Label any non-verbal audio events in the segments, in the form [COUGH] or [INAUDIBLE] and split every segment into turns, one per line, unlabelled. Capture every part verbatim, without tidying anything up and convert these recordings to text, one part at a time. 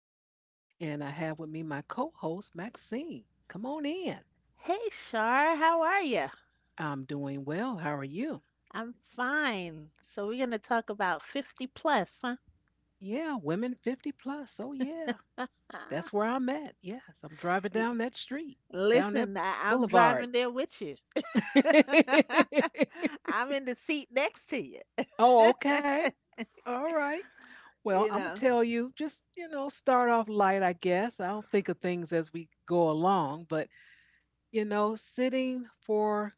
Shar, and I have with me my co host, Maxine. Come on in.
Hey, Shar, how are you?
I'm doing well. How are you?
I'm fine. So we're gonna talk about fifty plus, huh?
Yeah, women fifty plus. Oh, yeah.
[LAUGHS]
That's where I'm at. Yes, I'm driving
Y-
down that street, down that
Listen, I I'm
boulevard.
driving there with you. [LAUGHS]
[LAUGHS]
I'm in the seat next to you.
Oh, okay. All right. Well,
You
I'm going to
know.
tell you, just, you know, start off light, I guess. I'll think of things as we go along, but, you know, sitting for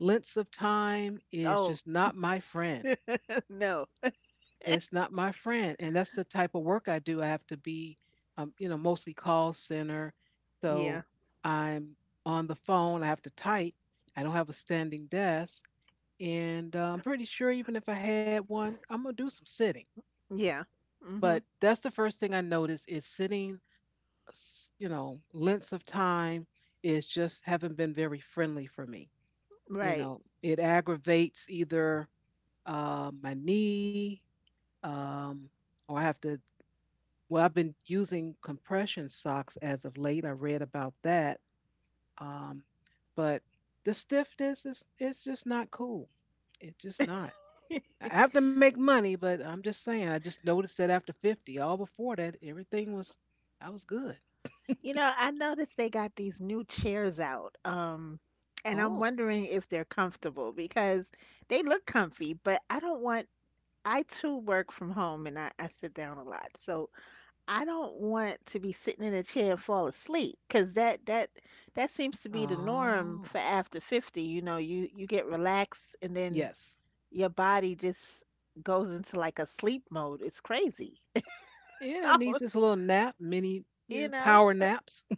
lengths of time is
Oh,
just not my friend.
[LAUGHS] no.
It's not my friend. And that's the type of work I do. I have to be, um, you know, mostly call center. So
Yeah.
I'm on the phone. I have to type. I don't have a standing desk. And uh, I'm pretty sure even if I had one, I'm going to do some sitting.
Yeah. Hmm.
But that's the first thing I notice is sitting, s- you know, lengths of time is just haven't been very friendly for me. You
Right.
know, it aggravates either uh, my knee, um, or I have to. Well, I've been using compression socks as of late. I read about that, um, but the stiffness is it's just not cool. It's just not.
[LAUGHS]
I have to make money, but I'm just saying. I just noticed that after fifty, all before that, everything was I was good.
You know, I noticed they got these new chairs out. Um, and I'm
Oh,
wondering if they're comfortable because they look comfy, but I don't want I too work from home and I, I sit down a lot. So I don't want to be sitting in a chair and fall asleep because that that that seems to be the norm
oh,
for after fifty. You know, you you get relaxed and then
yes,
your body just goes into like a sleep mode. It's crazy. [LAUGHS]
yeah. It
So,
needs this little nap, mini,
You
yeah,
know,
power naps. [LAUGHS]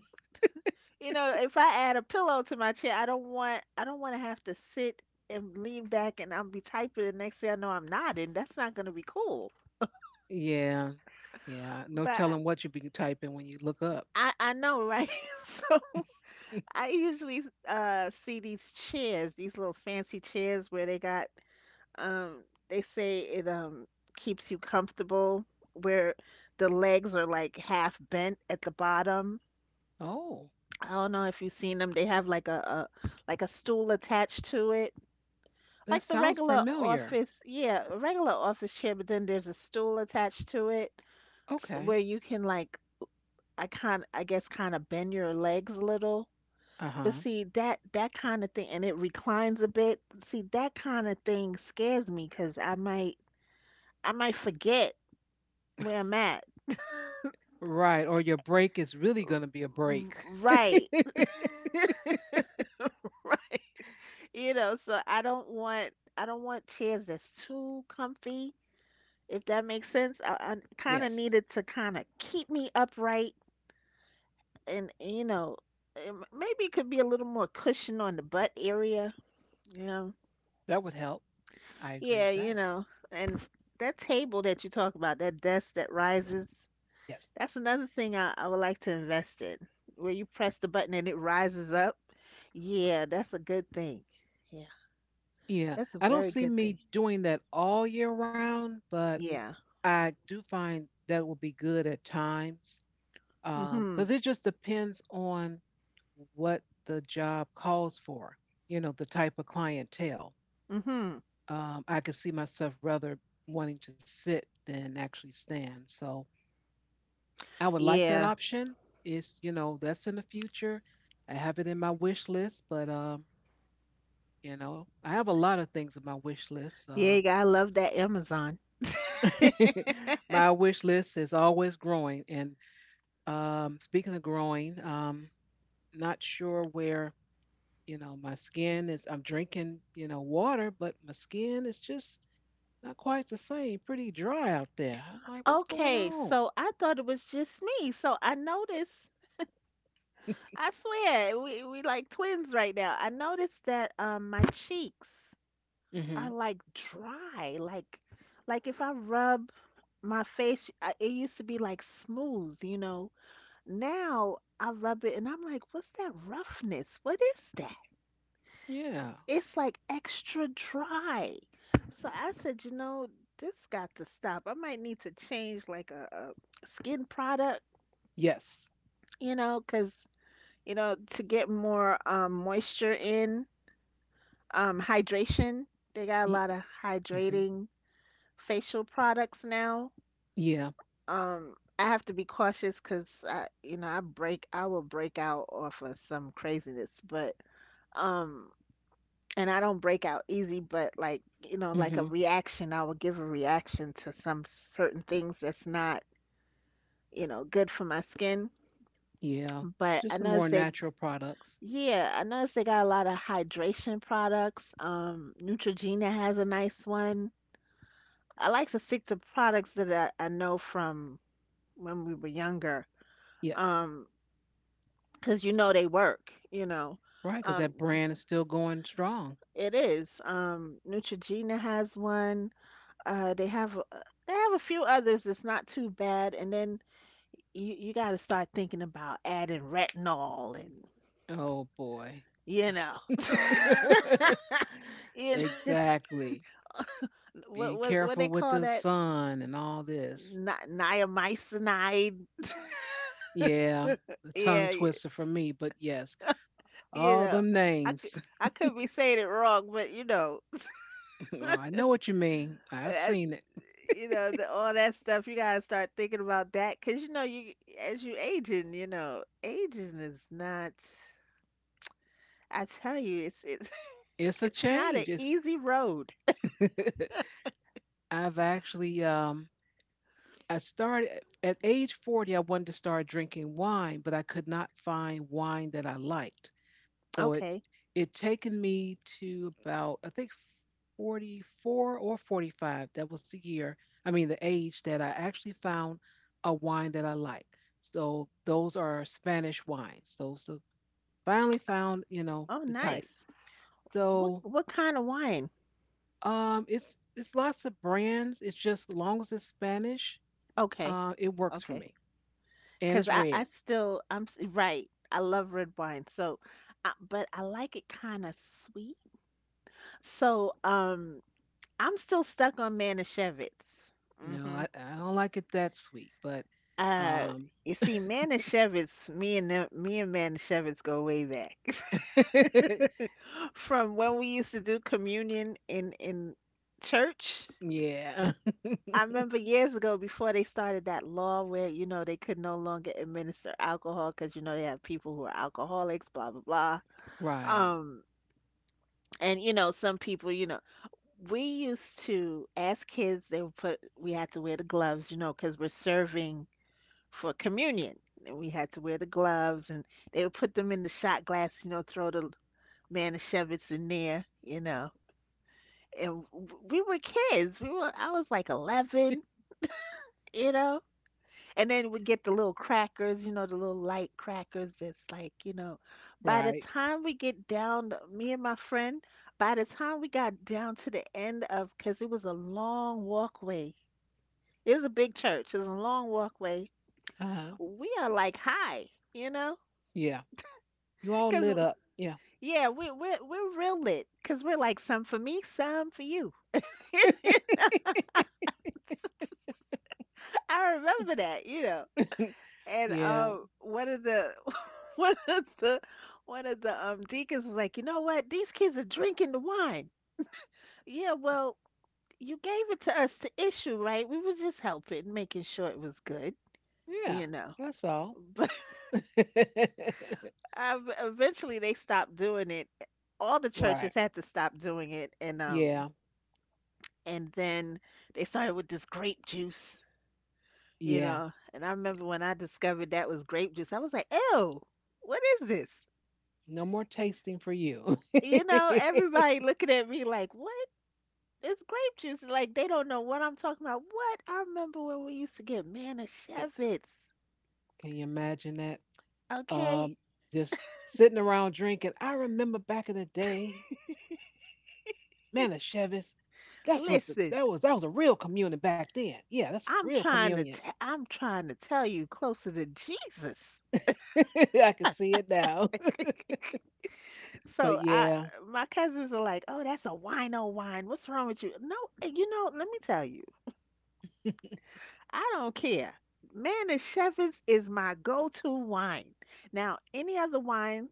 you know, if I add a pillow to my chair, I don't want I don't want to have to sit and lean back and I'm be typing and next thing I know I'm nodding. That's not going to be cool.
Yeah, yeah. No
But
telling what you be typing when you look up.
I I know, right? [LAUGHS] So
[LAUGHS]
I usually uh see these chairs, these little fancy chairs where they got um they say it um keeps you comfortable where the legs are like half bent at the bottom.
Oh,
I don't know if you've seen them. They have like a, a like a stool attached to it.
that
Like the
sounds
regular
familiar.
office, yeah, a regular office chair, but then there's a stool attached to it s-
Okay.
where you can like I kind I guess kind of bend your legs a little.
Uh
But
huh.
see that that kind of thing, and it reclines a bit. See that kind of thing scares me because I might I might forget where I'm at.
Right. Or your break is really going to be a
R-
break.
Right, [LAUGHS] you know. So I don't want I don't want chairs that's too comfy. If that makes sense, I, I
[LAUGHS]
kind of
Yes.
need it to kind of keep me upright, and you know, um, maybe it could be a little more cushion on the butt area. You know,
That would help. I agree
yeah,
with
you
that.
know, and that table that you talk about, that desk that rises.
Yes.
That's another thing I, I would like to invest in, where you press the button and it rises up. Yeah, that's a good thing. Yeah,
Yeah.
that's a
I don't
very
see
good thing.
me doing that all year round, but
Yeah.
I do find that will be good at times because
Mhm.
it just depends on what the job calls for, you know, the type of clientele.
Mhm.
Um, I could see myself rather wanting to sit than actually stand. So I would like that
Yeah.
option. It's, you know, that's in the future. I have it in my wish list, but, um, you know, I have a lot of things in my wish list.
Yeah, you
Um,
gotta love that Amazon. [LAUGHS]
[LAUGHS] my wish list is always growing and Um, speaking of growing, um, not sure where, you know, my skin is. I'm drinking, you know, water, but my skin is just not quite the same. Pretty dry out there. I'm like, what's going
Okay,
on?
so I thought it was just me. So I noticed, I swear, we we like twins right now. I noticed that um my cheeks are
Hmm.
like dry, like like if I rub my face I, It used to be like smooth, you know. Now I rub it and I'm like, what's that roughness? What is that?
Yeah.
It's like extra dry. So I said, you know, this got to stop. I might need to change like a, a skin product,
Yes.
you know, 'cause you know, to get more um, moisture in, um, hydration. They got a
Ye-
lot of
mhm.
hydrating facial products now.
Yeah.
Um, I have to be cautious because I, you know, I break, I will break out off of some craziness, but um, and I don't break out easy, but like, you know, like a
Hmm.
reaction, I will give a reaction to some certain things that's not, you know, good for my skin.
Yeah.
But
Just
I
some more
noticed they,
natural products.
yeah, I noticed they got a lot of hydration products. Um, Neutrogena has a nice one. I like to stick to products that I, I know from when we were younger.
Yes.
Um, because you know they work, you know.
Right, because
Um
that brand is still going strong.
it is um Neutrogena has one. Uh they have a- they have a few others that's not too bad. And then you you got to start thinking about adding retinol and
Oh boy.
you know, [LAUGHS]
[LAUGHS]
you know,
Exactly.
[LAUGHS] what
Being
what what they
careful with
call
the
that?
sun and all this.
Ni- niacinamide. [LAUGHS]
Yeah, the tongue
yeah, y-
twister for me, but yes,
you
all
know,
them
i could
names. [LAUGHS]
I could be saying it wrong, but you know,
Oh, I know what you mean. I've seen it.
you know, the, all that stuff. You gotta start thinking about that because you know, you as you aging, you know, aging is not. I tell you, it's it's [LAUGHS]
It's a
it's not an
change. It's
easy road.
[LAUGHS] I've actually um I started at age forty. I wanted to start drinking wine, but I could not find wine that I liked. So it
Okay.
it taken me to about I think forty-four or forty-five. That was the year. I mean the age that I actually found a wine that I like. So those are Spanish wines. So so finally found, you know,
Oh,
the
nice.
type.
What
So
what kind of wine?
um it's it's lots of brands. It's just as long as it's Spanish,
Okay.
uh it works for
Okay.
me. And
Because
it's
I
red.
I still I'm s- right, I love red wine. So, I, but I like it kind of sweet. So um, I'm still stuck on Manischewitz.
No,
Mm-hmm.
I, I don't like it that sweet, but
Uh,
um
you see, Manischewitz, me and them, me and Manischewitz go way back,
[LAUGHS]
[LAUGHS] from when we used to do communion in in church.
yeah,
I remember years ago before they started that law where you know they could no longer administer alcohol because you know they have people who are alcoholics, blah blah blah.
[LAUGHS] right.
Um, and you know some people, you know, we used to as kids they would put we had to wear the gloves, you know, because we're serving for communion. And we had to wear the gloves, and they would put them in the shot glass, you know, throw the manischewitz in there, you know. And w- we were kids. We were, I was like eleven, you know. And then we'd get the little crackers, you know, the little light crackers that's like, you know, by the
Right.
time we get down, the- me and my friend, by the time we got down to the end of, because it was a long walkway. It was a big church. It was a long walkway.
Uh huh.
We are like high, you know,
Yeah. You all
because
lit up. Yeah.
yeah, we're we're we're real lit because we're like some for me, some for you.
[LAUGHS]
[LAUGHS] I remember that, you know. And
Yeah.
um, one of the [LAUGHS] one of the one of the um deacons was like, you know what? These kids are drinking the wine. Yeah, well, you gave it to us to issue, right? We were just helping, making sure it was good,
Yeah.
you know.
That's
[LAUGHS]
all.
But
[LAUGHS]
um, eventually, they stopped doing it. All the churches
right.
had to stop doing it, and um,
Yeah.
and then they started with this grape juice, you
Yeah.
know. And I remember when I discovered that was grape juice, I was like, ew, what is this?
No more tasting for you. [LAUGHS]
You know,
Can
everybody looking at me like, what? It's grape juice. Like, they don't know what I'm talking about. What? I remember when we used to get Manischewitz.
you imagine that?
Okay?
Um, just sitting around drinking. I remember back in the day, Manischewitz. That's what the,
Listen,
that was. That was a real communion back then. Yeah, that's
I'm
real
trying to,
communion.
I am trying to tell you closer to Jesus. [LAUGHS]
[LAUGHS] I can see it now. [LAUGHS] but
So I,
yeah.
my cousins are like, "Oh, that's a wino wine. What's wrong with you?" No, you know, let me tell you. I don't care. Man, Manny Chevins is my go-to wine. Now, any other wine,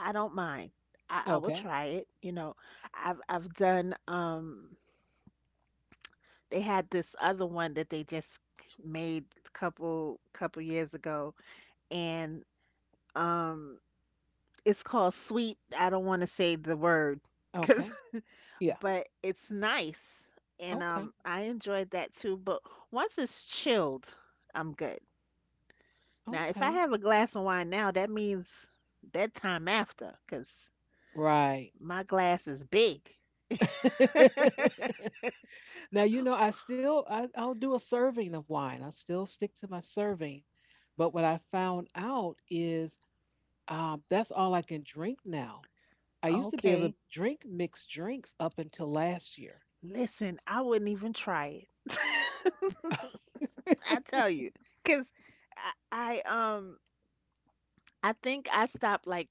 I don't mind. I, I will
Okay.
try it. You know, I've I've done um, they had this other one that they just made a couple couple years ago, and um, it's called sweet. I don't want to say the word, cause,
Okay. Yeah.
[LAUGHS] but it's nice, and
Okay.
um, I enjoyed that too, but once it's chilled, I'm good. Now, if I
Okay.
have a glass of wine now, that means that time after, cause
Right.
my glass is big.
[LAUGHS] Now, you know, I still I, I'll do a serving of wine. I still stick to my serving. But what I found out is um, that's all I can drink now. I used to be able to
Okay.
drink mixed drinks up until last year. [LAUGHS]
Listen, I wouldn't even try it. I tell you, 'cause I, I um, I think I stopped like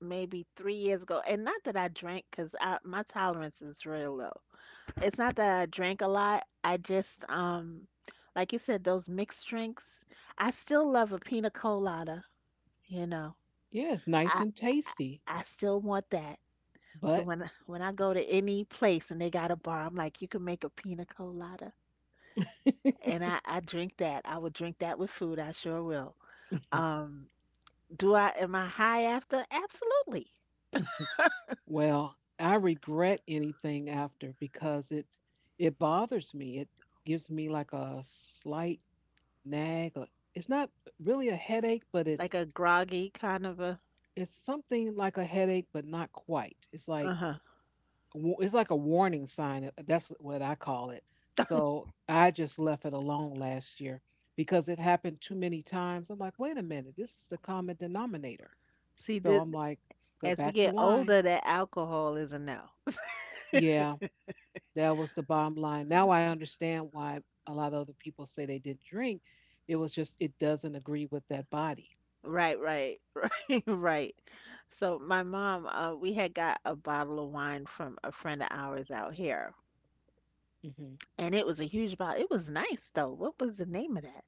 maybe three years ago, and not that I drank, cause I my tolerance is real low. It's not that I drank a lot. I just um, like you said, those mixed drinks. I still love a pina colada. You know,
Yeah, it's nice
I
and tasty,
I still want that. So
but
when when I go to any place and they got a bar, I'm like, you can make a pina colada, and I I drink that. I would drink that with food. I sure will.
[LAUGHS]
Um, do I am I high after? Absolutely.
well, I regret anything after because it it bothers me. It gives me like a slight nag or it's not really a headache but it's
Like a groggy kind of a
it's something like a headache but not quite it's like
uh-huh.
wa- it's like a warning sign uh, that's what I call it, so I just left it alone last year because it happened too many times. I'm like, wait a minute, this is the common denominator.
See,
So
the,
I'm like, go
as we
back to
get
wine.
older, that alcohol is a no.
Yeah, that was the bottom line. Now I understand why a lot of other people say they didn't drink. It was just it doesn't agree with that body.
Right, right, [LAUGHS] right. So my mom, uh, we had got a bottle of wine from a friend of ours out here,
Hmm.
and it was a huge bottle. It was nice though. What was the name of that?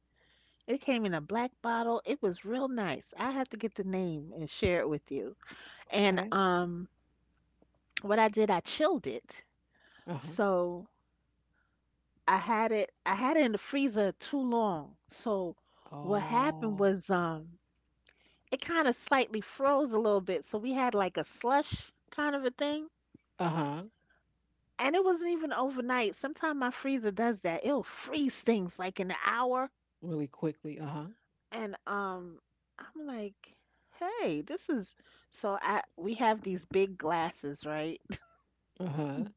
It came in a black bottle. It was real nice. I have to get the name and share it with you. And
Okay.
um, what I did, I chilled it.
Uh-huh.
So I had it. I had it in the freezer too long. So what happened
Oh.
was, um, it kind of slightly froze a little bit. So we had like a slush kind of a thing.
Uh-huh.
And it wasn't even overnight. Sometimes my freezer does that. It'll freeze things like in an hour.
Really quickly. Uh-huh.
And um, I'm like, hey, this is, so I, we have these big glasses, right? [LAUGHS]
Uh-huh.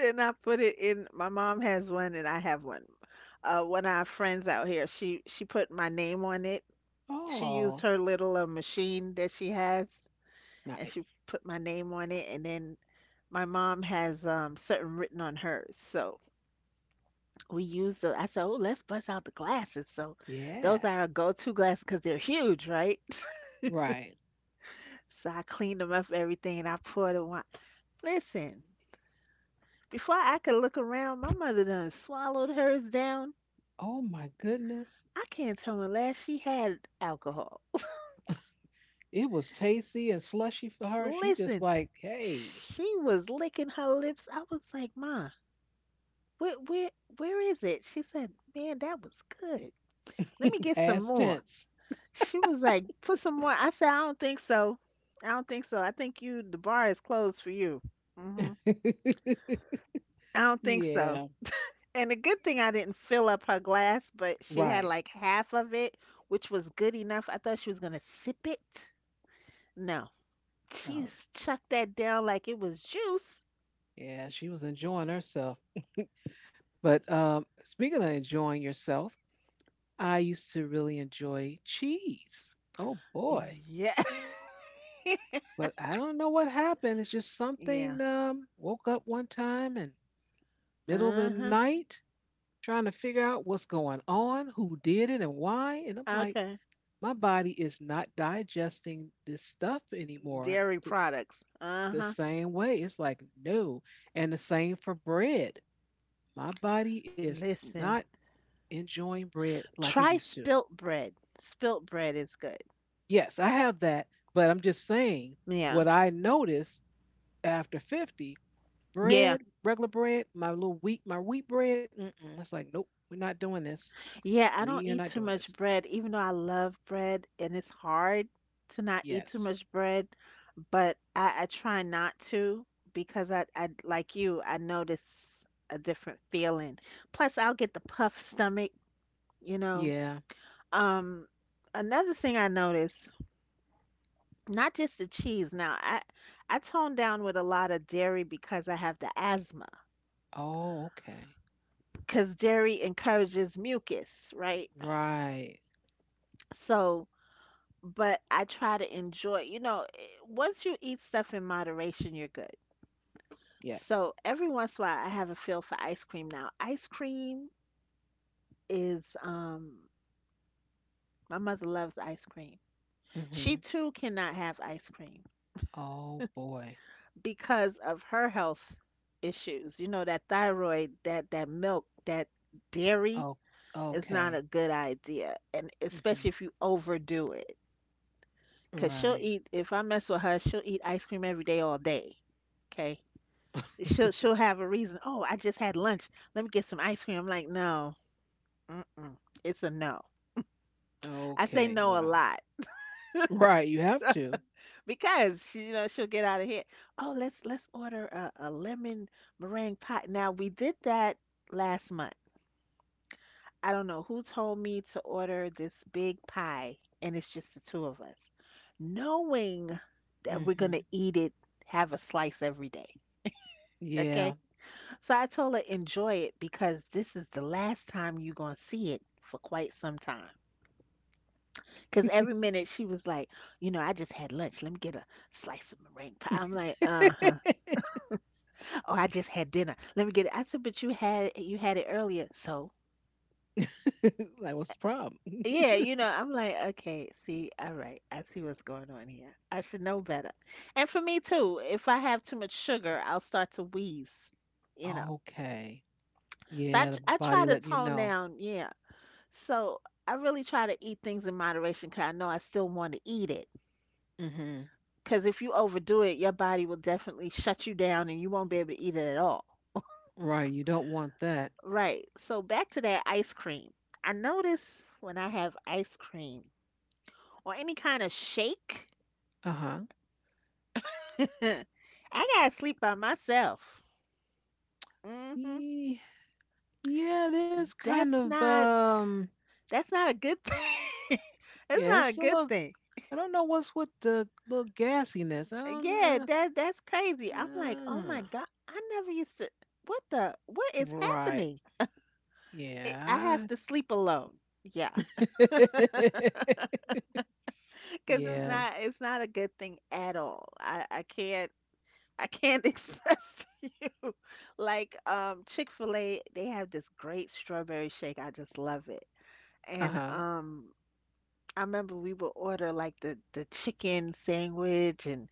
And I put it in. My mom has one, and I have one. Uh, one of our friends out here, she she put my name on it. She used
Oh,
her little uh, machine that she has, and she
nice.
put my name on it. And then my mom has um certain written on hers, so we use the. I said, oh, let's bust out the glasses. So those
Yeah.
are our go-to glasses because they're huge, right?
Right.
So I cleaned them up everything and I poured the wine. Listen, before I could look around, my mother done swallowed hers down.
Oh my goodness.
I can't tell unless she had alcohol.
It was tasty and slushy for her. She just
Listen,
like, hey,
she was licking her lips. I was like, Ma, where where where is it? She said, Man, that was good. Let me
[LAUGHS]
get some
past
more.
tense.
She was like, Put some more. I said, I don't think so. I don't think so. I think you the bar is closed for you. Hmm.
[LAUGHS]
I don't think so.
Yeah.
And the good thing I didn't fill up her glass, but she had
Right.
like half of it, which was good enough. I thought she was gonna sip it. No, she
Oh,
chucked that down like it was juice.
yeah. She was enjoying herself. But um, speaking of enjoying yourself, I used to really enjoy cheese. Oh boy.
Yeah. [LAUGHS]
But I don't know what happened. It's just
Yeah.
something. Um, woke up one time in middle of the
Uh-huh.
night trying to figure out what's going on, who did it, and why. And I'm like,
Okay.
my body is not digesting this stuff anymore
Dairy
the,
products.
the
Uh-huh.
same way. It's like no, and the same for bread. My body is not
Listen,
enjoying bread like it
try
used to.
spilt bread. Spilt bread is good.
Yes, I have that, but I'm just saying
Yeah.
what I noticed after fifty
Yeah.
bread, regular bread, my little wheat, my wheat bread. Mm-mm. It's like, nope, we're not doing this.
Yeah, I don't
We are
eat
not
too
doing
much
this.
bread, even though I love bread and it's hard to not eat too
Yes.
much bread. But I, I try not to because I, I like you I notice a different feeling, plus I'll get the puff stomach you know
Yeah.
um Another thing I notice, not just the cheese now, I I tone down with a lot of dairy because I have the asthma,
Oh, okay.
because dairy encourages mucus, right?
Right.
So but I try to enjoy you know eh, once you eat stuff in moderation you're good.
Yes.
So every once in a while, I have a feel for ice cream now. Ice cream is um my mother loves ice cream.
Mm-hmm.
She too cannot have ice cream
Oh boy.
because of her health issues. You know, that thyroid, that that milk, that dairy
Oh,
is not a
okay.
good idea, and especially
Mm-hmm.
if you overdo it. Cause she'll
Right.
eat, if I mess with her, she'll eat ice cream every day all day. Okay.
[LAUGHS]
She'll she'll have a reason. Oh, I just had lunch. Let me get some ice cream. I'm like, no, mm-mm. It's a no. I say
Okay.
no a
Wow.
lot
Right. You have to.
because she, you know, she'll get out of here. Oh, let's let's order a, a lemon meringue pie. Now we did that last month. I don't know who told me to order this big pie, and it's just the two of us, knowing that we're gonna
Mm-hmm.
eat it, have a slice every day. Okay,
Yeah.
so I told her enjoy it because this is the last time you're gonna see it for quite some time. Because every minute she was like, you know, I just had lunch. Let me get a slice of meringue pie. I'm like,
[LAUGHS]
uh huh.
like,
Oh, I just had dinner. Let me get it. I said, but you had you had it earlier. So,
what's the problem?
yeah, you know, I'm like, okay, see, all right, I see what's going on here. I should know better. And for me too, if I have too much sugar, I'll start to wheeze, you know.
Okay.
So I,
Yeah. The
tr- I
body
try
letting
to
you
tone
know.
down, yeah. So I really try to eat things in moderation because I know I still want to eat it.
Mm-hmm.
Because if you overdo it, your body will definitely shut you down and you won't be able to eat it at all.
Right. You don't want that.
Right. So back to that ice cream. I notice when I have ice cream or any kind of shake,
Uh huh.
[LAUGHS] I gotta sleep by myself. Hmm.
Ye- Yeah, there's kind
That's
of
not
um
that's not a good [LAUGHS] thing. That's
yeah,
not a
it's still a
good
little
thing.
I don't know what's with the little gassiness. I don't
Yeah,
know.
that that's crazy. I'm like, oh my
Uh,
God, I never used to. What the? What is
right.
happening? I I
Yeah.
have to sleep alone. Yeah,
[LAUGHS]
[LAUGHS] because it's
yeah.
not it's not a good thing at all. I I can't. I can't [LAUGHS] express to you. Like um Chick-fil-A, they have this great strawberry shake. I just love it. And
Uh-huh.
um I remember we would order like the the chicken sandwich and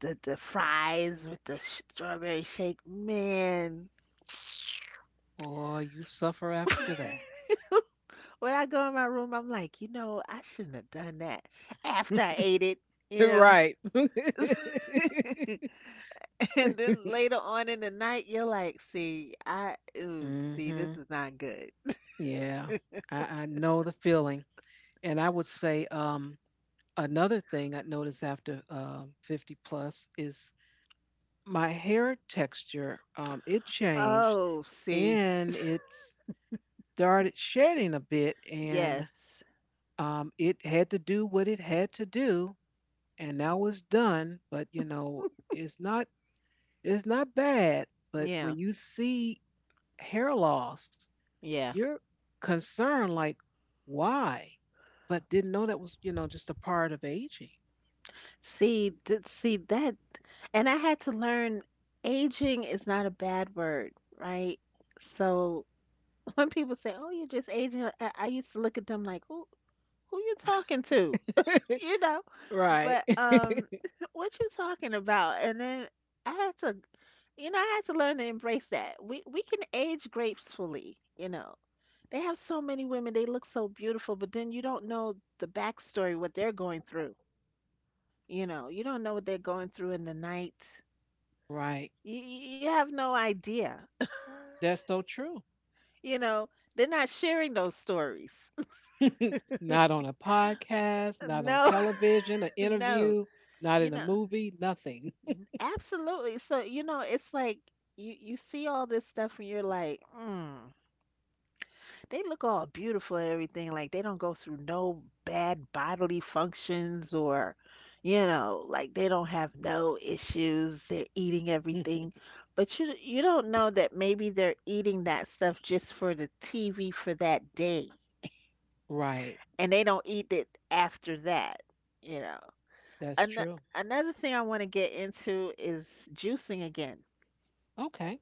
the the fries with the sh- strawberry shake. Man,
Or you suffer
[LAUGHS] when
after that. [LAUGHS]
I go in my room, I'm like, you know, I shouldn't have done that after I ate it, you know.
Right. [LAUGHS]
[LAUGHS] And then later on in the night, you're like, see, I, ooh, see, this
Mm-hmm.
is not good.
Yeah, I, I know the feeling. And I would say um, another thing I noticed after um fifty plus is my hair texture um, it changed
Oh, see.
and it started shedding a bit and
Yes.
um, it had to do what it had to do and now it's done but you know it's not it's not bad but
Yeah.
when you see hair loss
Yeah.
you're concerned like why, but didn't know that was, you know, just a part of aging.
See, th- see that, and I had to learn aging is not a bad word, right? So [LAUGHS] when people say, "Oh, you're just aging," I, I used to look at them like, "Who who you talking to?" [LAUGHS] You know?
[LAUGHS] Right.
But um [LAUGHS] what you talking about? And then I had to, you know, I had to learn to embrace that. We we can age gracefully, you know. They have so many women, they look so beautiful, but then you don't know the backstory, what they're going through. You know, you don't know what they're going through in the night.
Right.
You, you have no idea. [LAUGHS]
That's so true.
You know, they're not sharing those stories. [LAUGHS]
Not on a podcast, not on
No, [LAUGHS]
television, an
no,
interview, not
you
in a
know,
movie, nothing.
absolutely. So, you know, it's like you, you see all this stuff and you're like, hmm. They look all beautiful and everything. Like they don't go through no bad bodily functions or, you know, like they don't have no issues. They're eating
[LAUGHS]
everything. But you you don't know that maybe they're eating that stuff just for the T V for that day.
Right.
And they don't eat it after that, you know.
That's
An
true.
Another thing I want to get into is juicing again.
Okay.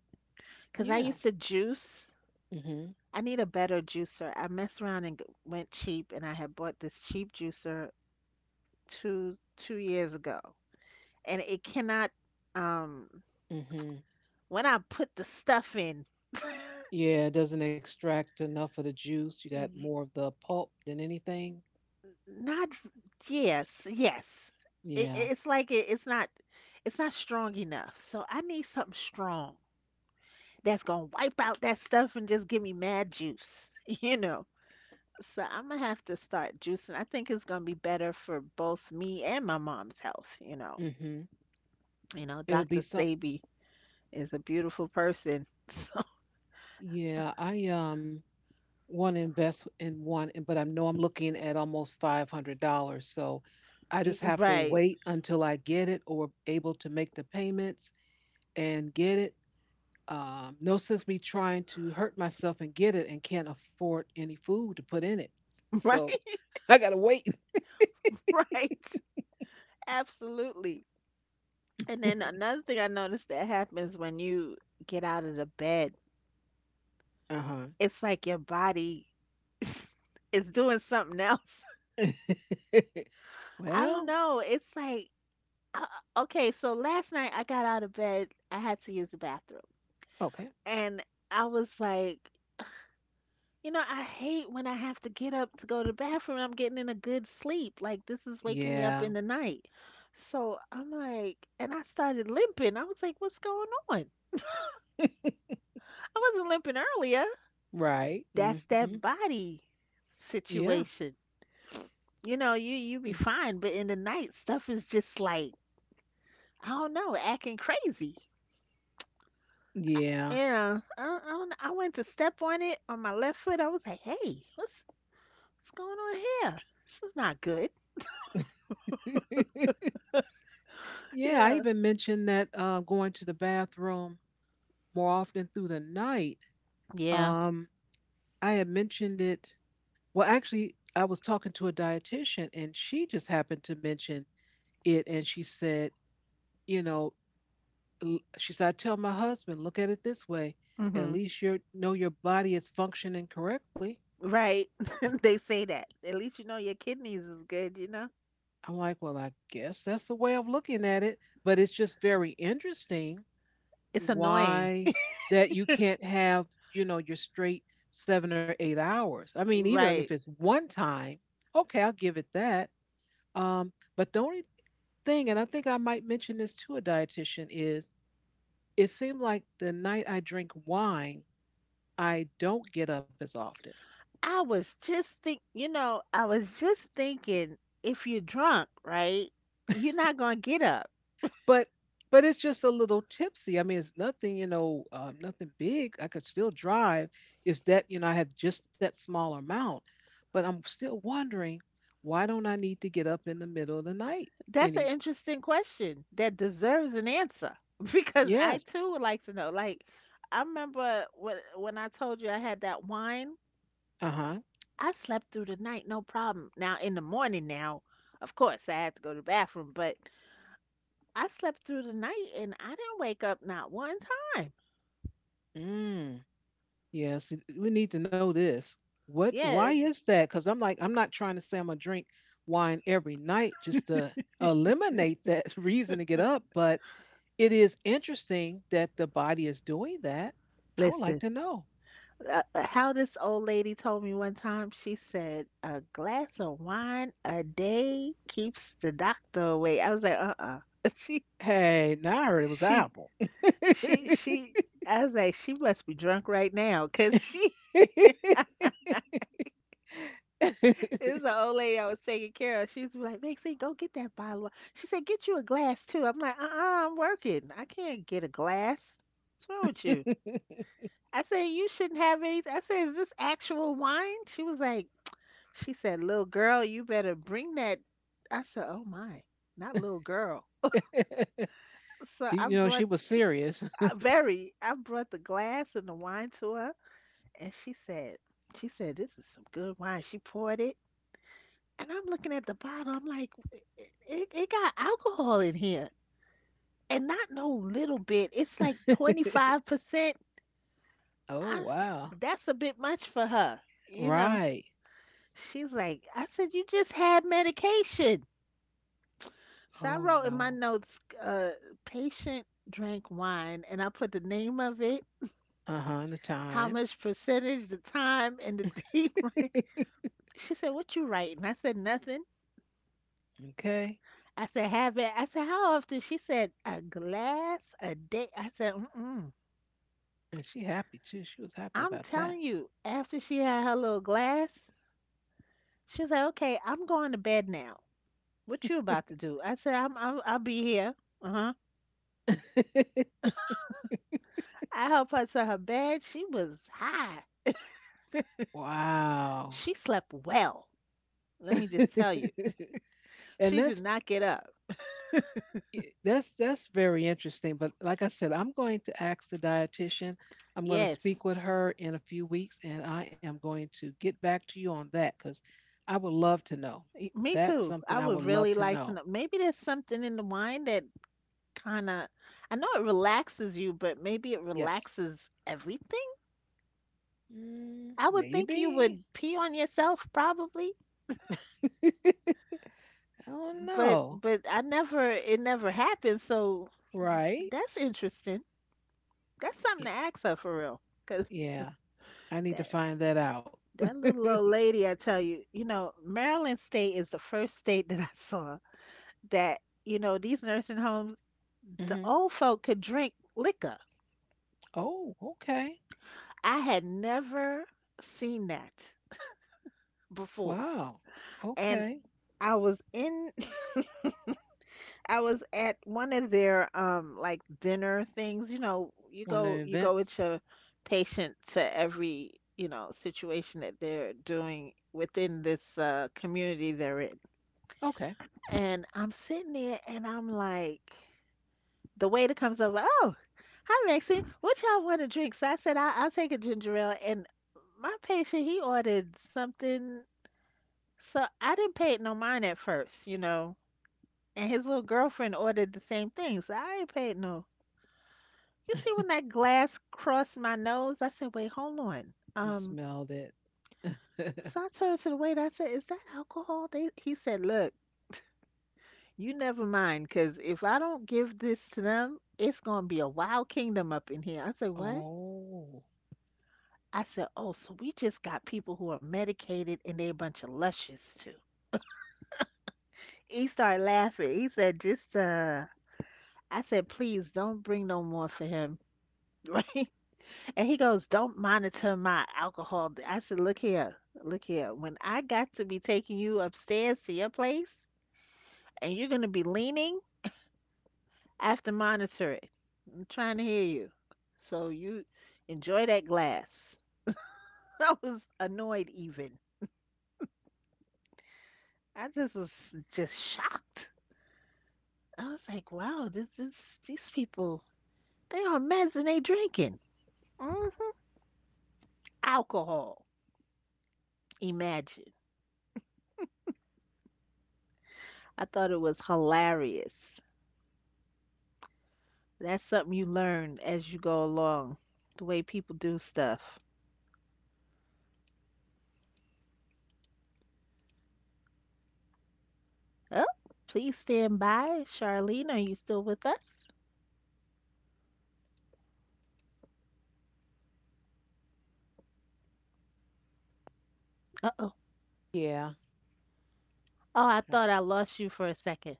Because I
Yeah.
used to juice.
Mhm.
I need a better juicer. I messed around and g- went cheap, and I had bought this cheap juicer two two years ago, and it cannot. Um,
Mhm.
when I put the stuff in,
Yeah, it doesn't extract enough of the juice. You got
y-
more of the pulp than anything.
not, yes, yes. It,
Yeah.
it's like it, it's not, it's not strong enough. So I need something strong that's gonna wipe out that stuff and just give me mad juice, [LAUGHS] you know. So I'm gonna have to start juicing. I think it's gonna be better for both me and my mom's health, you know.
Mhm.
You know,
It'll be
doctor
some
Sabi is a beautiful person. [LAUGHS] So
Yeah, I um want to invest in one and but I know I'm looking at almost five hundred dollars so I just have to
right,
wait until I get it or able to make the payments and get it. Um, no sense me trying to hurt myself and get it and can't afford any food to put in it.
[LAUGHS] right.
So I gotta wait.
[LAUGHS] Right. Absolutely. And then another thing I noticed that happens when you get out of the bed,
Uh
it's like your body is doing something else.
huh. [LAUGHS]
[LAUGHS] I don't
well,
know. It's like, uh, uh, okay, so last night I got out of bed, I had to use the bathroom.
okay.
And I was like, you know, I hate when I have to get up to go to the bathroom. I'm getting in a good sleep. Like, this is waking me
Yeah.
up in the night. So I'm like, and I started limping. I was like, what's going on?
[LAUGHS]
I wasn't limping earlier.
Right.
That's
Mm-hmm.
that body
Yeah.
situation. You know, you you be
Mm.
fine, but in the night stuff is just like, I don't know, acting crazy.
Yeah.
Yeah, I, I, don't- I went to step on it on my left foot. I was like, "Hey, what's what's going on here? This is not good." [LAUGHS]
[LAUGHS]
You
yeah. I
know.
even mentioned that uh, going to the bathroom more often through the night.
Yeah.
Um, I had mentioned it. Well, actually, I was talking to a dietitian, and she just happened to mention it and she said, you know, l- she said, I tell my husband, look at it this way. At
Mhm.
least you know your body is functioning correctly.
Right. [LAUGHS] They say that. At least you know your kidneys is good. You know.
I'm like, well, I guess that's the way of looking at it. But it's just very interesting
It's annoying.
why that you can't have, you know, your straight seven or eight hours. I mean, even if
Right.
it's one time, okay, I'll give it that. Um, but the only thing, and I think I might mention this to a dietitian, is it seemed like the night I drink wine, I don't get up as often.
I was just think, you know, I was just thinking, if you're drunk, right? You're not going to get up.
But but it's just a little tipsy. I mean, it's nothing, you know, um, nothing big. I could still drive. It's that, you know, I had just that small amount. But I'm still wondering why don't I need to get up in the middle of the night
That's an
any?
interesting question that deserves an answer [LAUGHS] because I
Yes.
too would like to know. Like, I remember when when I told you I had that wine,
Uh huh.
I slept through the night, no problem. Now in the morning now, of course, I had to go to the bathroom, but I slept through the night and I didn't wake up not one time.
Mm. Yes. it- We need to know this. What? Why
Yeah,
is that? Because I'm like, I'm not trying to say I'm gonna drink wine every night just to eliminate that [LAUGHS] reason to get up, but it is interesting that the body is doing that. I would like
listen.
to know.
Uh, uh, how this old lady told me one time, she said, a glass of wine a day keeps the doctor away. I was like, uh-uh. [LAUGHS] She,
Hey, now I heard it was
she,
Apple.
she,
[LAUGHS]
she, I was like, she must be drunk right now because she, [LAUGHS] it was an old lady I was taking care of. She was like, Maxine, go get that bottle. Of-" wine. She said, get you a glass too. I'm like, uh-uh, I'm working. I can't get a glass. What's wrong with you? I said, you shouldn't have any. I said, is this actual wine? She was like, She said, "Little girl, you better bring that." I said, "Oh my, not little girl." So
She,
I
you know, she
brought
was serious.
I, very. I brought the glass and the wine to her, and she said, "She said this is some good wine." She poured it, and I'm looking at the bottle. I'm like, "It, it, it got alcohol in here, and not no little bit. It's like 25
[LAUGHS]
percent."
Oh,
I s-
wow.
that's a bit much for her, you know."
Right.
She's like, "I said you just had medication." So I
Oh,
wrote in my
no.
notes, uh, patient drank wine, and I put the name of it,
Uh-huh. And the
how
time.
much percentage, the time, and the [LAUGHS] date. Range.
[LAUGHS]
She said, "What you writing?" I said, "Nothing."
Okay.
I said, "Have it." I said, "How often?" She said, "A glass a day." I said, "Mm-mm."
And she happy too. She was happy
I'm
about that.
telling you, after she had her little glass, she was like, "Okay, I'm going to bed now. What you about to do?" I said, "I'm, I'm I'll be here." Uh huh.
[LAUGHS]
I helped her to her bed. She was high.
Wow.
She slept well. Let me just tell you,
[LAUGHS] and
she did
that's
not get up.
Y- That's that's very interesting. But like I said, I'm going to ask the dietitian. I'm going to
Yes,
speak with her in a few weeks, and I am going to get back to you on that because I would love to know.
y- me
That's
too.
something
I
I would
would
love
really
to
like to
know.
know. Maybe there's something in the wine that kind of, I know it relaxes you, but maybe it
Yes.
relaxes everything.
Mm,
I would think you
maybe.
would pee on yourself probably,
[LAUGHS] I don't
but
know.
but I never, it never happened. So
Right?
that's interesting. That's something
Y-
to ask her for real. Cause
Yeah, I need to
that
find that out.
that
[LAUGHS]
little old lady, I tell you, you know, Maryland State is the first state that I saw that, you know, these nursing homes, the
Hmm.
old folk could drink liquor.
Oh, okay.
I had never seen that before.
Wow.
And
Okay.
I was in [LAUGHS] I was at one of their um like dinner things, you know, you
One of
go
the
you go with
events.
your patient to every, you know, situation that they're doing within this uh community they're in.
Okay.
And I'm sitting there and I'm like the waiter comes over. Oh, hi Lexi, what y'all want to drink? So I said I, I'll take a ginger ale, and my patient he ordered something. So I didn't pay it no mind at first, you know, and his little girlfriend ordered the same thing. So I ain't paid no. You see when
[LAUGHS]
that glass crossed my nose, I said, wait, hold on.
You
Um,
smelled it. [LAUGHS]
so I turned to the waiter. I said, is that alcohol? They, he said, look. You never mind, because if I don't give this to them, it's going to be a wild kingdom up in here. I said, what?
Oh.
I said, oh, so we just got people who are medicated and they a bunch of luscious too. He started laughing. He said, just uh I said, please don't bring no more for him. [LAUGHS] Right? And he goes, don't monitor my alcohol. I said, look here, look here. When I got to be taking you upstairs to your place and you're gonna be leaning, I have to monitor it. I'm trying to hear you. So you enjoy that glass. [LAUGHS] I was annoyed even. I just was just shocked. I was like, wow, this, this, these people, they on meds and they drinking hmm alcohol. Imagine. I thought it was hilarious. That's something you learn as you go along, the way people do stuff. Oh, please stand by. Charlene, are you still with us? Uh-oh.
Yeah.
Oh, I
I-
thought I lost you for a second.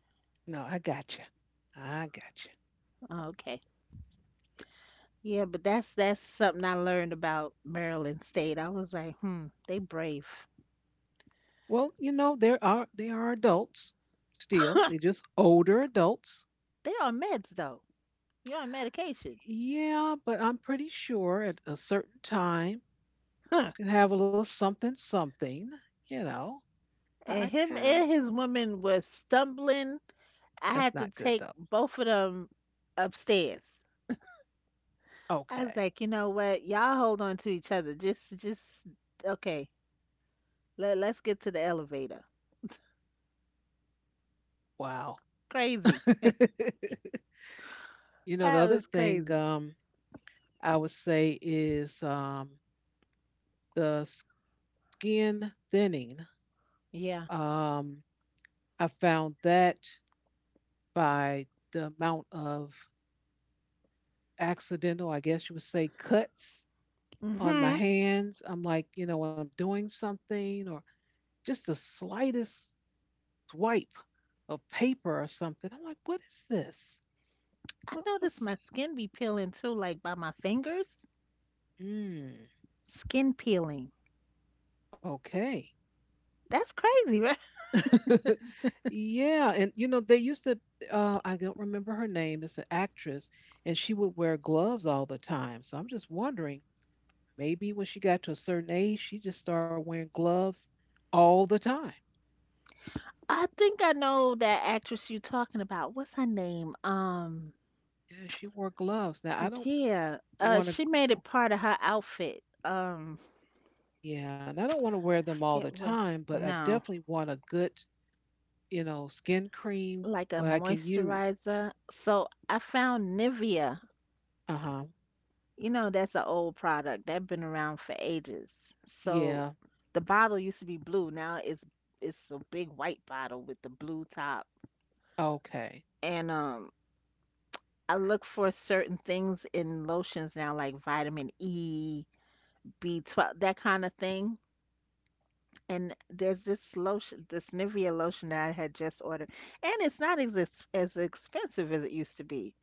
No, I got you. I got you.
Oh, okay. Yeah, but that's that's something I learned about Maryland State. I was like, hmm, they brave.
Well, you know, there are they are adults still. They're just older adults.
They on meds though. You're on medication.
Yeah, but I'm pretty sure at a certain time you
[LAUGHS]
can have a little something something, you know. I
And him
yeah,
and his woman was stumbling. I
that's
had to
not good
take
though.
both of them upstairs. I was
Okay.
like, you know what? Y'all hold on to each other. Just, just okay. Let Let's get to the elevator.
Wow.
Crazy.
[LAUGHS] You know, the
That
other
was
thing
crazy.
um I would say is um the skin thinning.
Yeah.
Um, I found that by the amount of accidental, I guess you would say, cuts on my
Mhm.
hands. I'm like, you know, when I'm doing something or just the slightest swipe of paper or something. I'm like, what is this?
I
What
noticed
was?
my skin be peeling too, like by my fingers.
Mm,
Skin peeling.
okay.
That's crazy, right?
[LAUGHS] Yeah, and you know they used to. Uh, I don't remember her name. It's an actress, and she would wear gloves all the time. So I'm just wondering. Maybe when she got to a certain age, she just started wearing gloves all the time.
I think I know that actress you're talking about. What's her name? Um,
Yeah, she wore gloves. Now I don't
Yeah, uh,
want
she
to.
made it part of her outfit. Um,
Yeah, and I don't want to wear them all
forget
the
what.
time, but I
No,
definitely want a good, you know, skin cream
like a
what I can use.
moisturizer. So I found Nivea.
Uh huh.
You know, that's an old product that's been around for ages. So
Yeah.
the bottle used to be blue. Now it's it's a big white bottle with the blue top.
Okay.
And um, I look for certain things in lotions now, like vitamin E, B twelve, that kind of thing. And there's this lotion, this Nivea lotion that I had just ordered, and it's not as ex- as expensive as it used to be.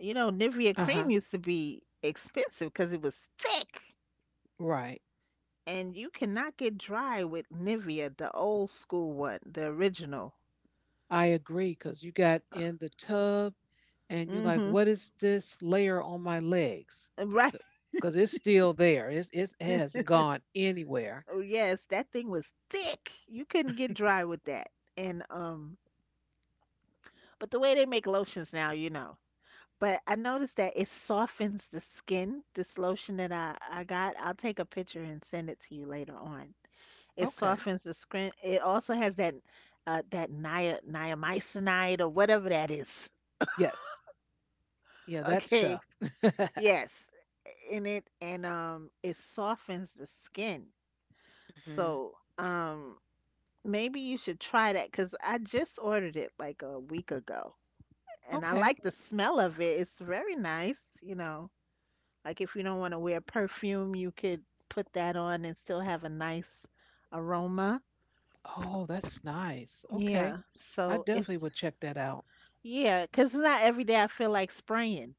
You know, Nivea
Uh
cream
huh.
used to be expensive because it was thick,
Right.
and you cannot get dry with Nivea, the old school one, the original.
I agree because you got in the tub and you're like,
Mm-hmm.
what is this layer on my legs?
Right.
Because it's still there. It's, it's- it
[LAUGHS]
hasn't gone anywhere.
Oh yes, that thing was thick. You couldn't get dry with that. And um, but the way they make lotions now, you know. But I noticed that it softens the skin. This lotion that I, I got, I'll take a picture and send it to you later on. It
Okay.
softens the skin. It also has that uh, that nia, niacinamide or whatever that is. [LAUGHS]
Yes. Yeah, that
Okay.
stuff. [LAUGHS]
Yes. In it, and um it softens the skin.
Hmm.
So um maybe you should try that because I just ordered it like a week ago and I
Okay.
like the smell of it. It's very nice, you know. Like if you don't want to wear perfume, you could put that on and still have a nice aroma.
Oh, that's nice. Okay.
Yeah.
I
So
definitely
it's,
would check that out.
yeah, cause it's not every day I feel like spraying.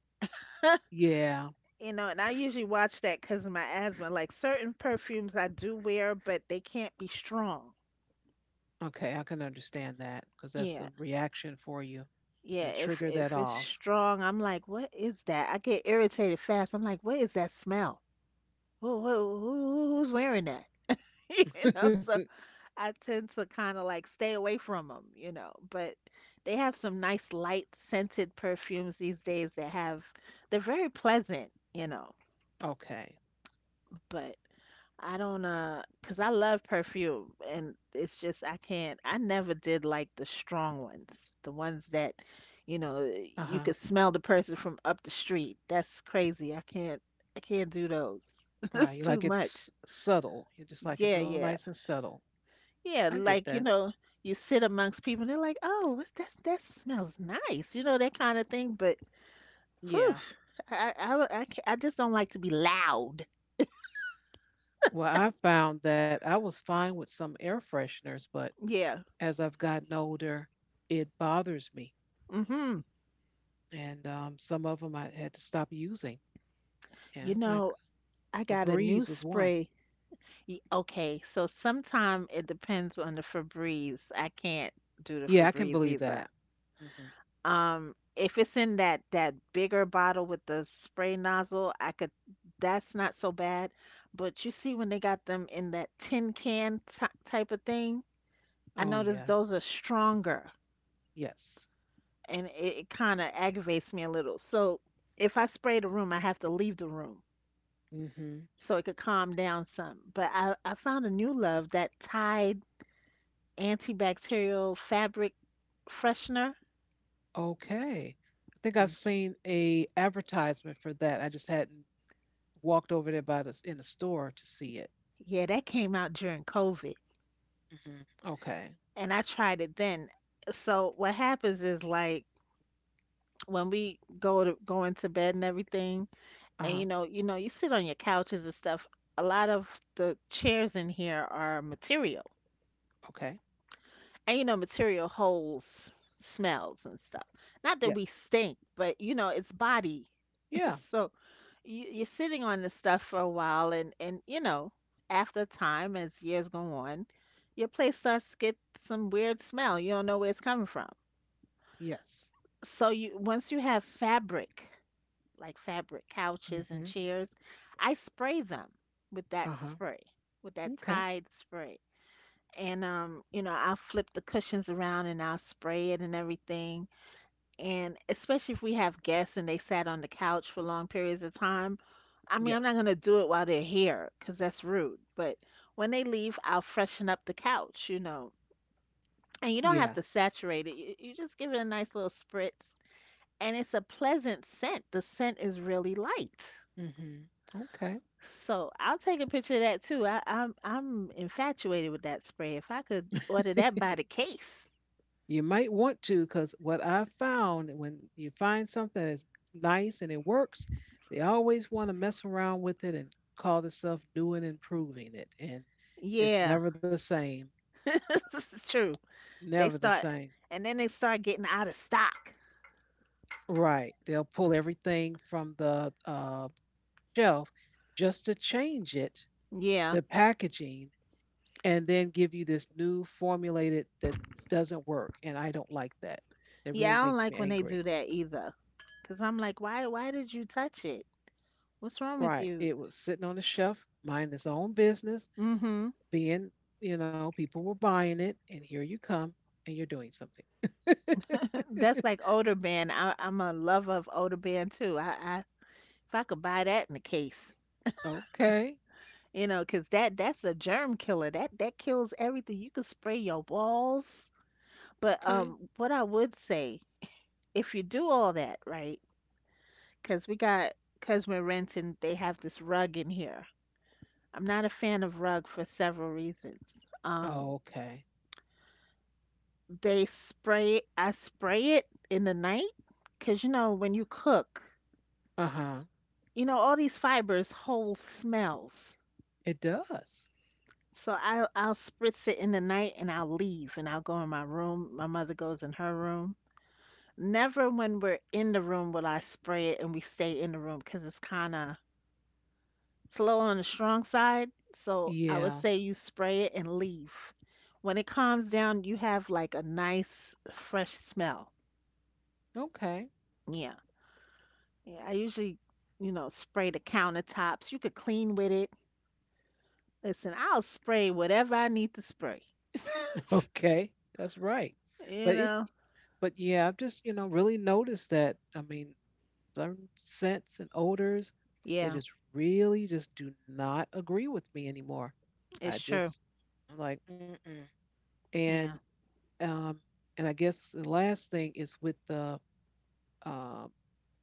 Yeah.
You know, and I usually watch that cause of my asthma. Like certain perfumes I do wear, but they can't be strong.
Okay, I can understand that because that's
Yeah.
a reaction for you.
Yeah,
And
if
trigger that
if it's
off.
strong, I'm like, what is that? I get irritated fast. I'm like, what is that smell? Who, who, who who's wearing that? [LAUGHS] You know,
[LAUGHS]
so I tend to kind of like stay away from them, you know. But they have some nice light scented perfumes these days that have they're very pleasant, you know.
Okay.
But I don't uh, uh, cause I love perfume and it's just I can't I never did like the strong ones, the ones that you know
Uh
you
huh.
could smell the person from up the street. That's crazy. I can't I can't do those. [LAUGHS] It's
Right. You
too
like
much.
it's subtle. You just like it
Yeah,
real
yeah.
nice and subtle.
Yeah,
I get
like, you
that.
know, you sit amongst people they're like, "Oh, what- that that smells nice," you know, that kind of thing. But whew,
Yeah.
I I I, I, ca- I just don't like to be loud.
Well, I found that I was fine with some air fresheners, but
Yeah.
as I've gotten older, it bothers me.
Mm-hmm.
and um, some of them I had to stop using.
You
And I'm like,
know, I
a
got a new
breeze was one.
spray. Y- Okay, so sometime it depends on the Febreze. I can't do the
Yeah, I can
Febreze
believe that.
either.
Hmm.
Um, if it's in that that bigger bottle with the spray nozzle, I could that's not so bad. But you see when they got them in that tin can ty type of thing, I
Oh
noticed
yeah,
those are stronger
yes.
and it, it kind of aggravates me a little. So if I spray the room, I have to leave the room
Hmm.
so it could calm down some. But I, I found a new love, that Tide antibacterial fabric freshener.
Okay, I think I've seen a advertisement for that. I just hadn't walked over there by the in the store to see it.
Yeah, that came out during COVID,
Hmm. Okay.
and I tried it then. So what happens is like when we go to going to bed and everything,
Uh
and you
huh.
know, you know, you sit on your couches and stuff. A lot of the chairs in here are material,
Okay.
and you know, material holds smells and stuff. Not that we
Yes.
stink, but you know, it's body. [LAUGHS]
Yeah.
So you, you're sitting on this stuff for a while, and and you know, after time as years go on, your place starts to get some weird smell. You don't know where it's coming from.
Yes.
So you once you have fabric like fabric couches and
Hmm.
chairs, I spray them with
Uh
that
huh.
spray with that
Okay.
Tide spray, and um you know, I'll flip the cushions around and I'll spray it and everything, and especially if we have guests and they sat on the couch for long periods of time. I mean, I'm not going
Yes.
to do it while they're here because that's rude, but when they leave I'll freshen up the couch, you know. And you don't have
Yeah.
to saturate it, you, you just give it a nice little spritz and it's a pleasant scent. The scent is really light.
Hmm. Okay.
So I'll take a picture of that too. I, I'm I'm infatuated with that spray. If I could order that
[LAUGHS]
by the case,
You might want to because what I've found when you find something that's nice and it works, they always want to mess around with it and call themselves new and improving it. And it's
yeah,
never the same.
[LAUGHS] this true. They
Never the
start
same.
and then they start getting out of stock.
Right. They'll pull everything from the uh, shelf just to change it,
Yeah,
the packaging, and then give you this new formulated that doesn't work. And I don't like that. It really
yeah, I don't
makes me
like when they
angry.
do that either. Cause I'm like, why why did you touch it? What's wrong with
Right.
you?
It was sitting on a shelf, minding its own business,
Mm-hmm.
being, you know, people were buying it, and here you come, and you're doing something.
[LAUGHS] That's
[LAUGHS]
like older band. I, I'm a lover of older band too. I, I if I could buy that in a case.
Okay.
You know, 'cause that that's a germ killer. That that kills everything. You can spray your walls. But
Okay.
um, what I would say, if you do all that, right? 'Cause we got, 'cause we're renting, they have this rug in here. I'm not a fan of rug for several reasons. Um,
Okay.
they spray, I spray it in the night, 'cause you know when you cook,
Uh huh.
you know all these fibers hold smells.
It does.
So I I'll I'll spritz it in the night and I'll leave and I'll go in my room. My mother goes in her room. Never when we're in the room will I spray it, and we stay in the room because it's kind of, it's a little on the strong side. So I would
Yeah.
say you spray it and leave. When it calms down, you have like a nice fresh smell.
Okay.
Yeah. Yeah. I usually, you know, spray the countertops. You could clean with it. Listen, I'll spray whatever I need to spray.
[LAUGHS]
[LAUGHS]
Okay. That's right.
You
But it,
know?
but yeah, I've just, you know, really noticed that. I mean, certain scents and odors, it
Yeah,
just really just do not agree with me anymore. I
it's true.
just, I'm like, Mm-mm. and
Yeah.
um, and I guess the last thing is with the uh,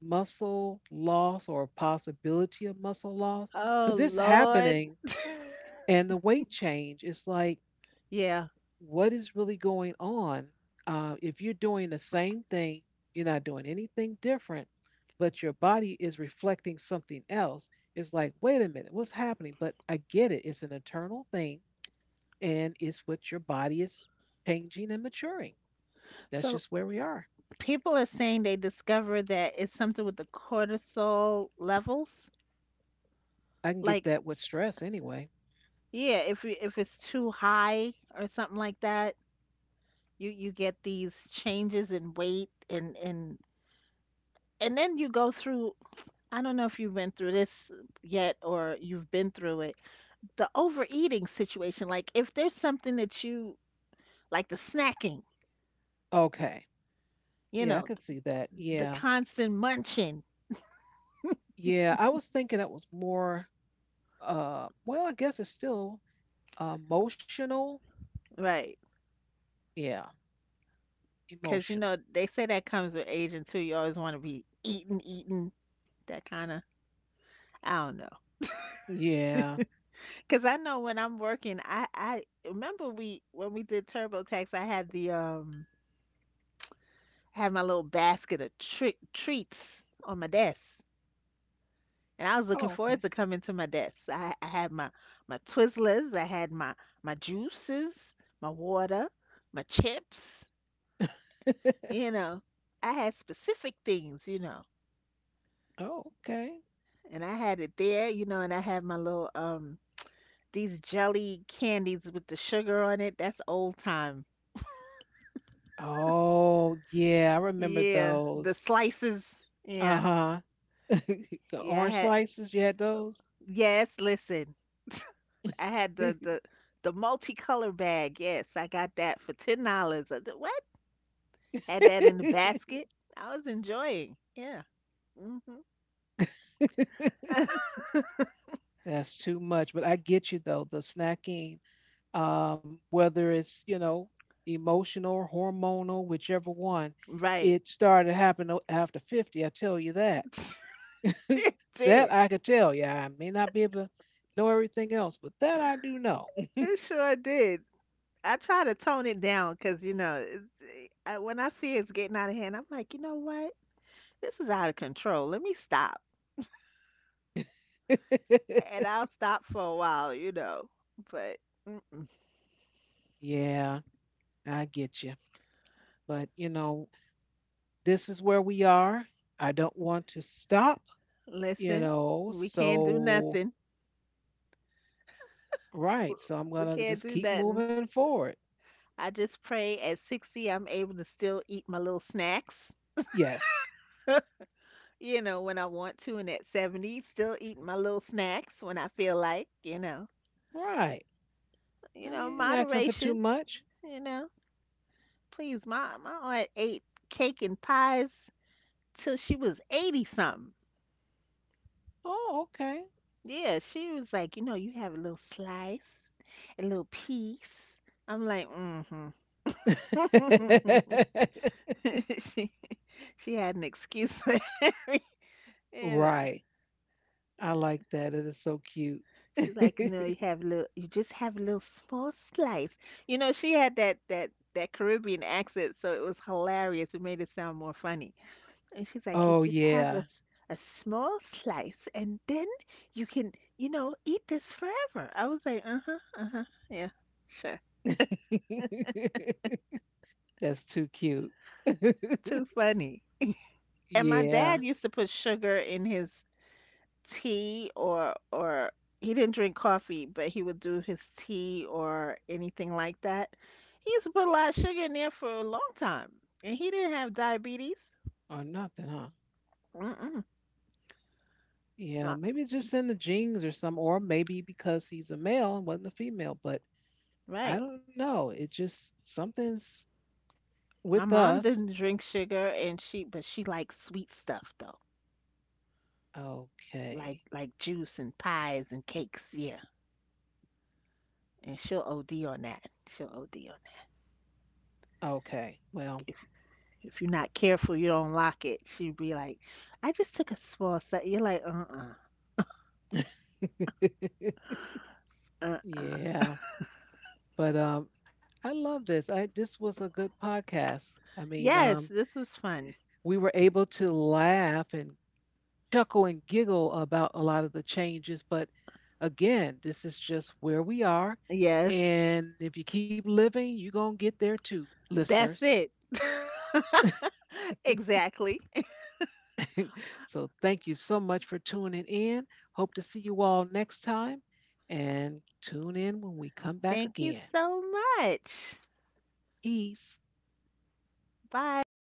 muscle loss or possibility of muscle loss,
Oh,
because it's
Lord.
happening
[LAUGHS]
and the weight change is like,
Yeah.
what is really going on, uh, if you're doing the same thing, you're not doing anything different, but your body is reflecting something else. It's like, wait a minute, what's happening? But I get it. It's an internal thing, and it's what your body is changing and maturing. That's
So
just where we are.
people are saying they discovered that it's something with the cortisol levels.
I can get
Like,
that with stress anyway.
yeah, if you- if it's too high or something like that, you you get these changes in weight and and and then you go through. I don't know if you've been through this yet or you've been through it. The overeating situation, like if there's something that you like, the snacking,
Okay.
you
Yeah, I
know,
can see that.
the
Yeah.
constant munching,
Yeah. I was thinking that was more uh well, I guess it's still uh, emotional.
right?
Yeah,
Because you
emotional.
know they say that comes with age and too. You always want to be eating, eating. That kind of, I don't know.
Yeah.
Cause I know when I'm working, I I remember we when we did TurboTax, I had the um I had my little basket of tre- treats on my desk, and I was looking
Oh,
forward
okay.
to coming to my desk. I, I had my my Twizzlers, I had my my juices, my water, my chips. You
[LAUGHS]
know, I had specific things. You know,
Oh, okay.
and I had it there. You know, and I had my little um these jelly candies with the sugar on it. That's old time.
Oh, yeah, I remember
Yeah, the
those.
slices. Yeah,
Uh-huh. [LAUGHS] The
yeah. I
orange
had,
slices, you had those?
yes. Listen, I had the the the multicolor bag. Yes, I got that for ten dollars. What? Had that in the basket. I was enjoying. Yeah. Hmm. [LAUGHS]
[LAUGHS] That's too much, but I get you though, the snacking. Um, whether it's you know emotional, hormonal, whichever one.
Right.
It started happening after fifty. I tell you that.
[LAUGHS]
[LAUGHS]
It
That
did.
I could tell you. I may not be able to know everything else, but that I do know.
It sure did. I try to tone it down because you know it's, I, when I see it's getting out of hand, I'm like, you know what? This is out of control. Let me stop. And
[LAUGHS]
I'll stop for a while, you know. But mm-mm.
Yeah, I get you. But you know, this is where we are. I don't want to stop. You
Listen,
know,
we can't do
so
nothing.
right.
W-
So I'm
We
gonna
can't
just
do
keep
nothing.
moving forward.
I just pray at sixty I'm able to still eat my little snacks,
Yes.
[LAUGHS] you know, when I want to, and at seventy still eating my little snacks when I feel like, you know,
Right.
you know,
I ain't asking for too
moderation,
much.
you know. Please, my my aunt ate cake and pies till she was eighty something.
Oh, okay.
Yeah, she was like, you know, you have a little slice, a little piece. I'm like, mm-hmm.
[LAUGHS]
[LAUGHS] She she had an excuse for [LAUGHS] every, you know.
Right. I like that. It is so cute.
She's like, no, you
[LAUGHS]
have a little, you just have a little small slice. You know, she had that that that Caribbean accent, so it was hilarious. It made it sound more funny. And she's like, you
Oh,
just have a
yeah.
a small slice, and then you can, you know, eat this forever. I was like, uh-huh, uh-huh, yeah, sure.
[LAUGHS] That's too cute. [LAUGHS]
Too funny. And my
Yeah.
dad used to put sugar in his tea or or he didn't drink coffee, but he would do his tea or anything like that. He used to put a lot of sugar in there for a long time, and he didn't have diabetes.
Or nothing, huh?
Mm-mm.
Yeah.
Not,
Maybe it's just in the genes or some, or maybe because he's a male and wasn't a female, but I
right.
don't know. It just, something's
My
with
mom
us.
didn't drink sugar, and she but she likes sweet stuff though, like
Okay.
like juice and pies and cakes. Yeah, and she'll O D on that. She'll O D on.
Okay. Well,
If you're not careful, you don't lock it. She'd be like, I just took a small set." You're like, uh-uh,
[LAUGHS]
uh-uh.
yeah. But um, I love this. I This was a good podcast. I mean,
Yes,
um,
this was fun.
we were able to laugh and chuckle and giggle about a lot of the changes. But again, this is just where we are,
Yes,
and if you keep living, you're gonna get there too,
that's
listeners.
it. [LAUGHS] Exactly.
So thank you so much for tuning in. Hope to see you all next time, and tune in when we come back
Thank you
again.
so much.
Peace.
Bye.